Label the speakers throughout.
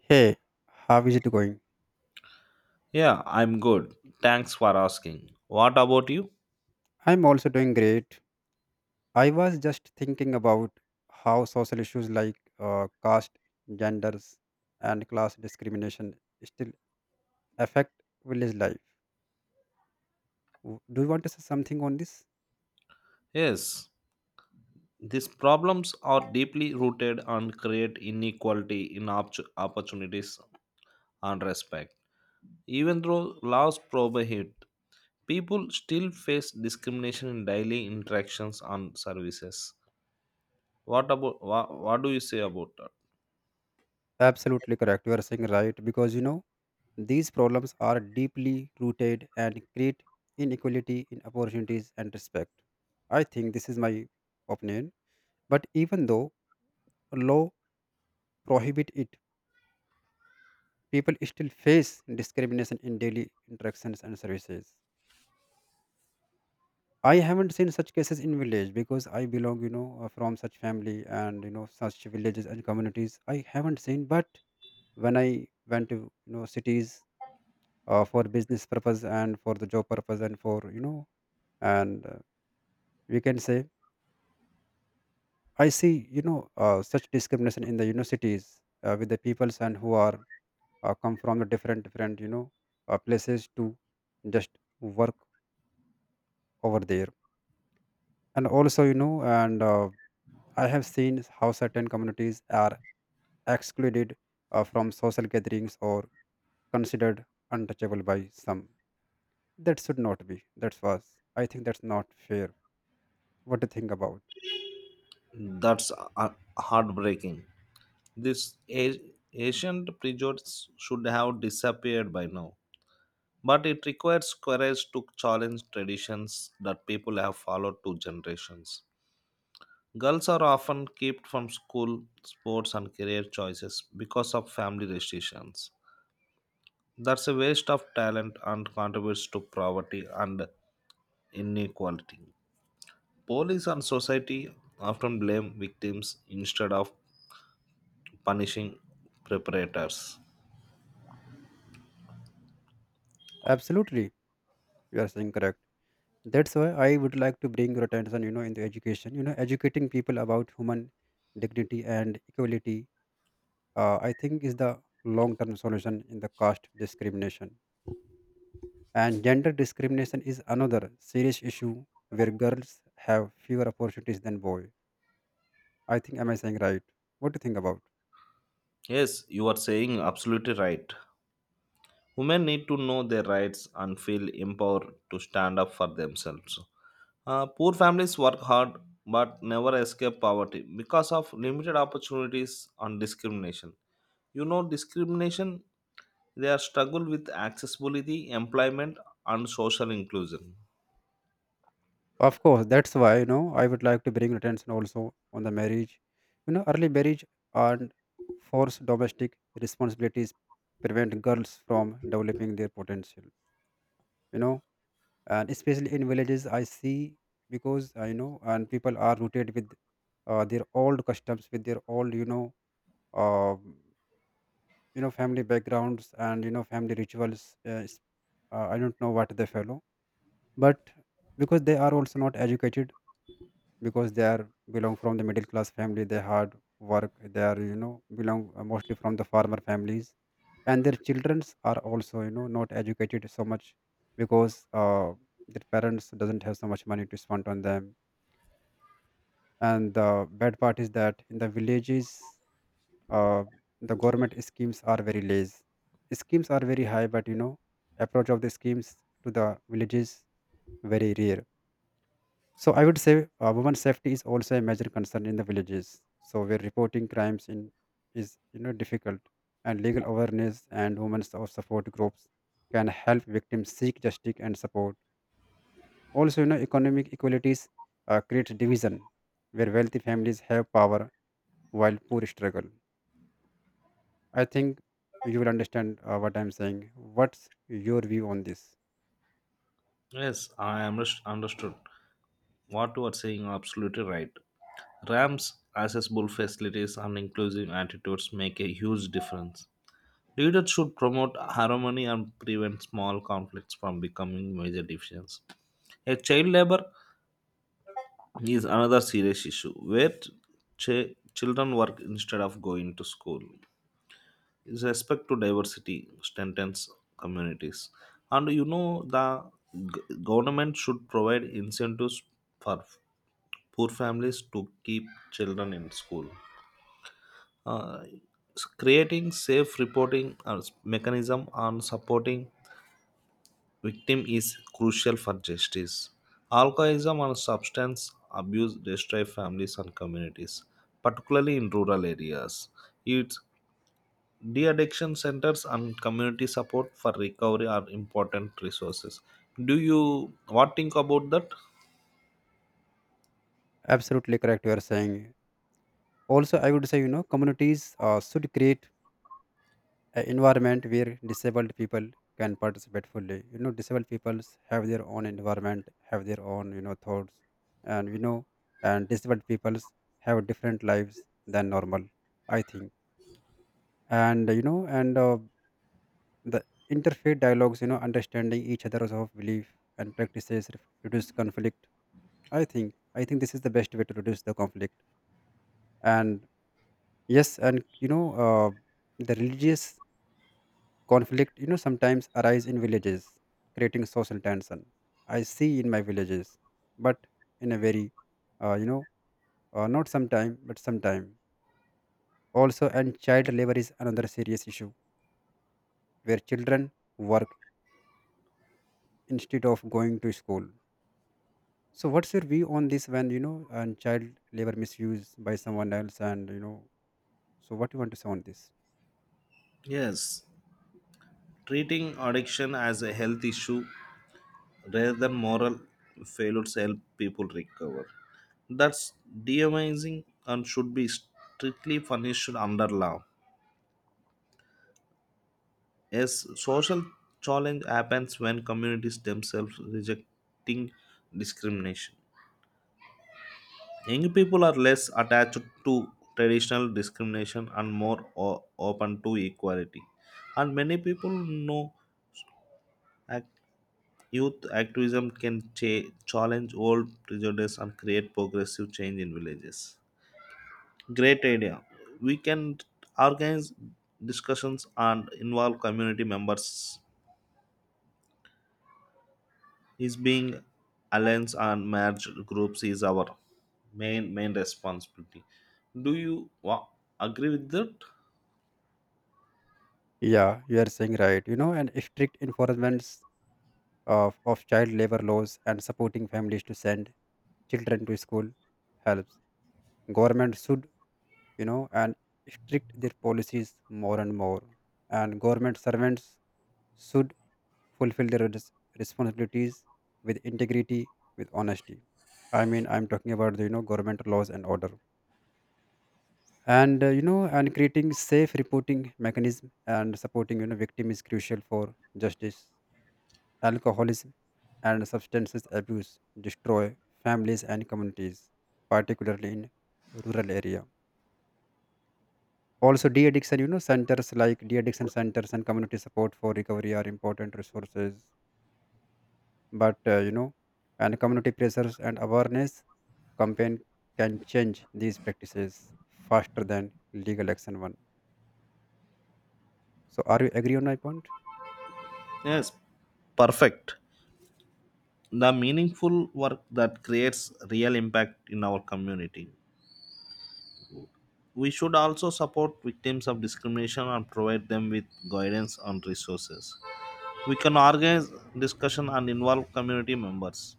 Speaker 1: Hey, how is it going?
Speaker 2: Yeah, I'm good. Thanks for asking. What about you?
Speaker 1: I'm also doing great. I was just thinking about how social issues like caste, genders, and class discrimination still affect village life. Do you want to say something on this?
Speaker 2: Yes, these problems are deeply rooted and create inequality in opportunities and respect. Even though laws prohibit, people still face discrimination in daily interactions and services. What about what do you say about that?
Speaker 1: Absolutely correct. You are saying right because these problems are deeply rooted and create inequality in opportunities and respect. I think this is my opinion. But even though law prohibit it, people still face discrimination in daily interactions and services. I haven't seen such cases in village because I belong, from such family and such villages and communities. I haven't seen, but when I went to, cities, for business purpose and for the job purpose and for and we can say, I see, such discrimination in the, cities, with the peoples and who are come from the different places to just work over there. And also, and I have seen how certain communities are excluded, from social gatherings or considered untouchable by some. That should not be. That's was I think that's not fair. What do you think about?
Speaker 2: That's heartbreaking. This ancient prejudice should have disappeared by now, but it requires courage to challenge traditions that people have followed two generations. Girls are often kept from school, sports, and career choices because of family restrictions. That's a waste of talent and contributes to poverty and inequality. Police and society often blame victims instead of punishing perpetrators.
Speaker 1: Absolutely, you are saying correct. That's why I would like to bring your attention, into education, educating people about human dignity and equality. I think is the long term solution in the caste discrimination. And gender discrimination is another serious issue where girls have fewer opportunities than boys. I think, am I saying right? What do you think about?
Speaker 2: Yes, you are saying absolutely right. Women need to know their rights and feel empowered to stand up for themselves. Poor families work hard but never escape poverty because of limited opportunities and discrimination. You know, discrimination, they are struggle with accessibility, employment, and social inclusion.
Speaker 1: Of course, that's why, I would like to bring attention also on the marriage. You know, early marriage and forced domestic responsibilities prevent girls from developing their potential, you know, and especially in villages, I see, because I know, and people are rooted with their old customs, with their old, uh, family backgrounds and family rituals I don't know what they follow. But because they are also not educated, because they are belong from the middle class family, they hard work, they are belong mostly from the farmer families, and their childrens are also not educated so much, because uh, their parents doesn't have so much money to spend on them. And the bad part is that in the villages, uh, the government schemes are very less. Schemes are very high, but approach of the schemes to the villages very rare. So I would say, women's safety is also a major concern in the villages. So where reporting crimes in is difficult, and legal awareness and women's or support groups can help victims seek justice and support. Also, you know, economic equalities create division where wealthy families have power while poor struggle. I think you will understand, what I'm saying. What's your view on this?
Speaker 2: Yes, I am understood. What you are saying absolutely right. Ram's accessible facilities and inclusive attitudes make a huge difference. Leaders should promote harmony and prevent small conflicts from becoming major divisions. A child labor is another serious issue where children work instead of going to school. With respect to diversity strengthens communities. And you know, the government should provide incentives for poor families to keep children in school. Uh, Creating safe reporting mechanism and supporting victim is crucial for justice. Alcoholism and substance abuse destroy families and communities, particularly in rural areas. Its de addiction centers and community support for recovery are important resources. Do you what think about that?
Speaker 1: Absolutely correct, you are saying. Also, I would say, communities should create an environment where disabled people can participate fully. You know, disabled peoples have their own environment, have their own, thoughts, and you know, and disabled peoples have different lives than normal. I think, and you know, and the interfaith dialogues, you know, understanding each other's of belief and practices reduce conflict. I think this is the best way to reduce the conflict. And yes, the religious conflict, you know, sometimes arise in villages, creating social tension. I see in my villages, but in a very, uh, you know, not sometime, but sometime. Also, and child labor is another serious issue where children work instead of going to school. So, what's your view on this, when you know and child labor misuse by someone else? And you know, so what do you want to say on this?
Speaker 2: Yes, treating addiction as a health issue rather than moral failures help people recover. That's demonizing and should be strictly punished under law. Yes, social challenge happens when communities themselves rejecting discrimination. Young people are less attached to traditional discrimination and more open to equality. And many people know act- youth activism can challenge old prejudice and create progressive change in villages. Great idea. We can organize discussions and involve community members is being alliance and merge groups is our main responsibility. Do you wa- Agree with that?
Speaker 1: Yeah, you are saying right. You know, and strict enforcements of child labor laws and supporting families to send children to school helps. Government should, you know, and strict their policies more and more. And government servants should fulfill their responsibilities with integrity, with honesty. I mean, I'm talking about the, government laws and order. And, creating safe reporting mechanism and supporting, victim is crucial for justice. Alcoholism and substances abuse destroy families and communities, particularly in rural area. Also, de-addiction, centers like de-addiction centers and community support for recovery are important resources. But you know, and community pressures and awareness campaign can change these practices faster than legal action one. So, are you agree on my point?
Speaker 2: Yes, perfect. The meaningful work that creates real impact in our community. We should also support victims of discrimination and provide them with guidance and resources. We can organize discussion and involve community members.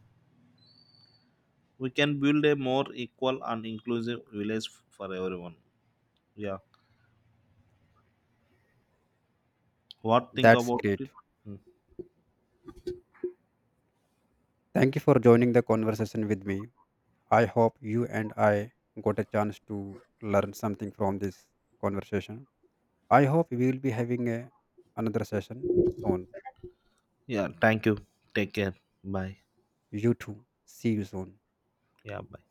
Speaker 2: We can build a more equal and inclusive village for everyone. Yeah. What think
Speaker 1: That's
Speaker 2: about it?
Speaker 1: great. Thank you for joining the conversation with me. I hope you and I got a chance to learn something from this conversation. I hope we will be having a, another session soon.
Speaker 2: Yeah, thank you. Take care. Bye.
Speaker 1: You too. See you soon.
Speaker 2: Yeah, bye.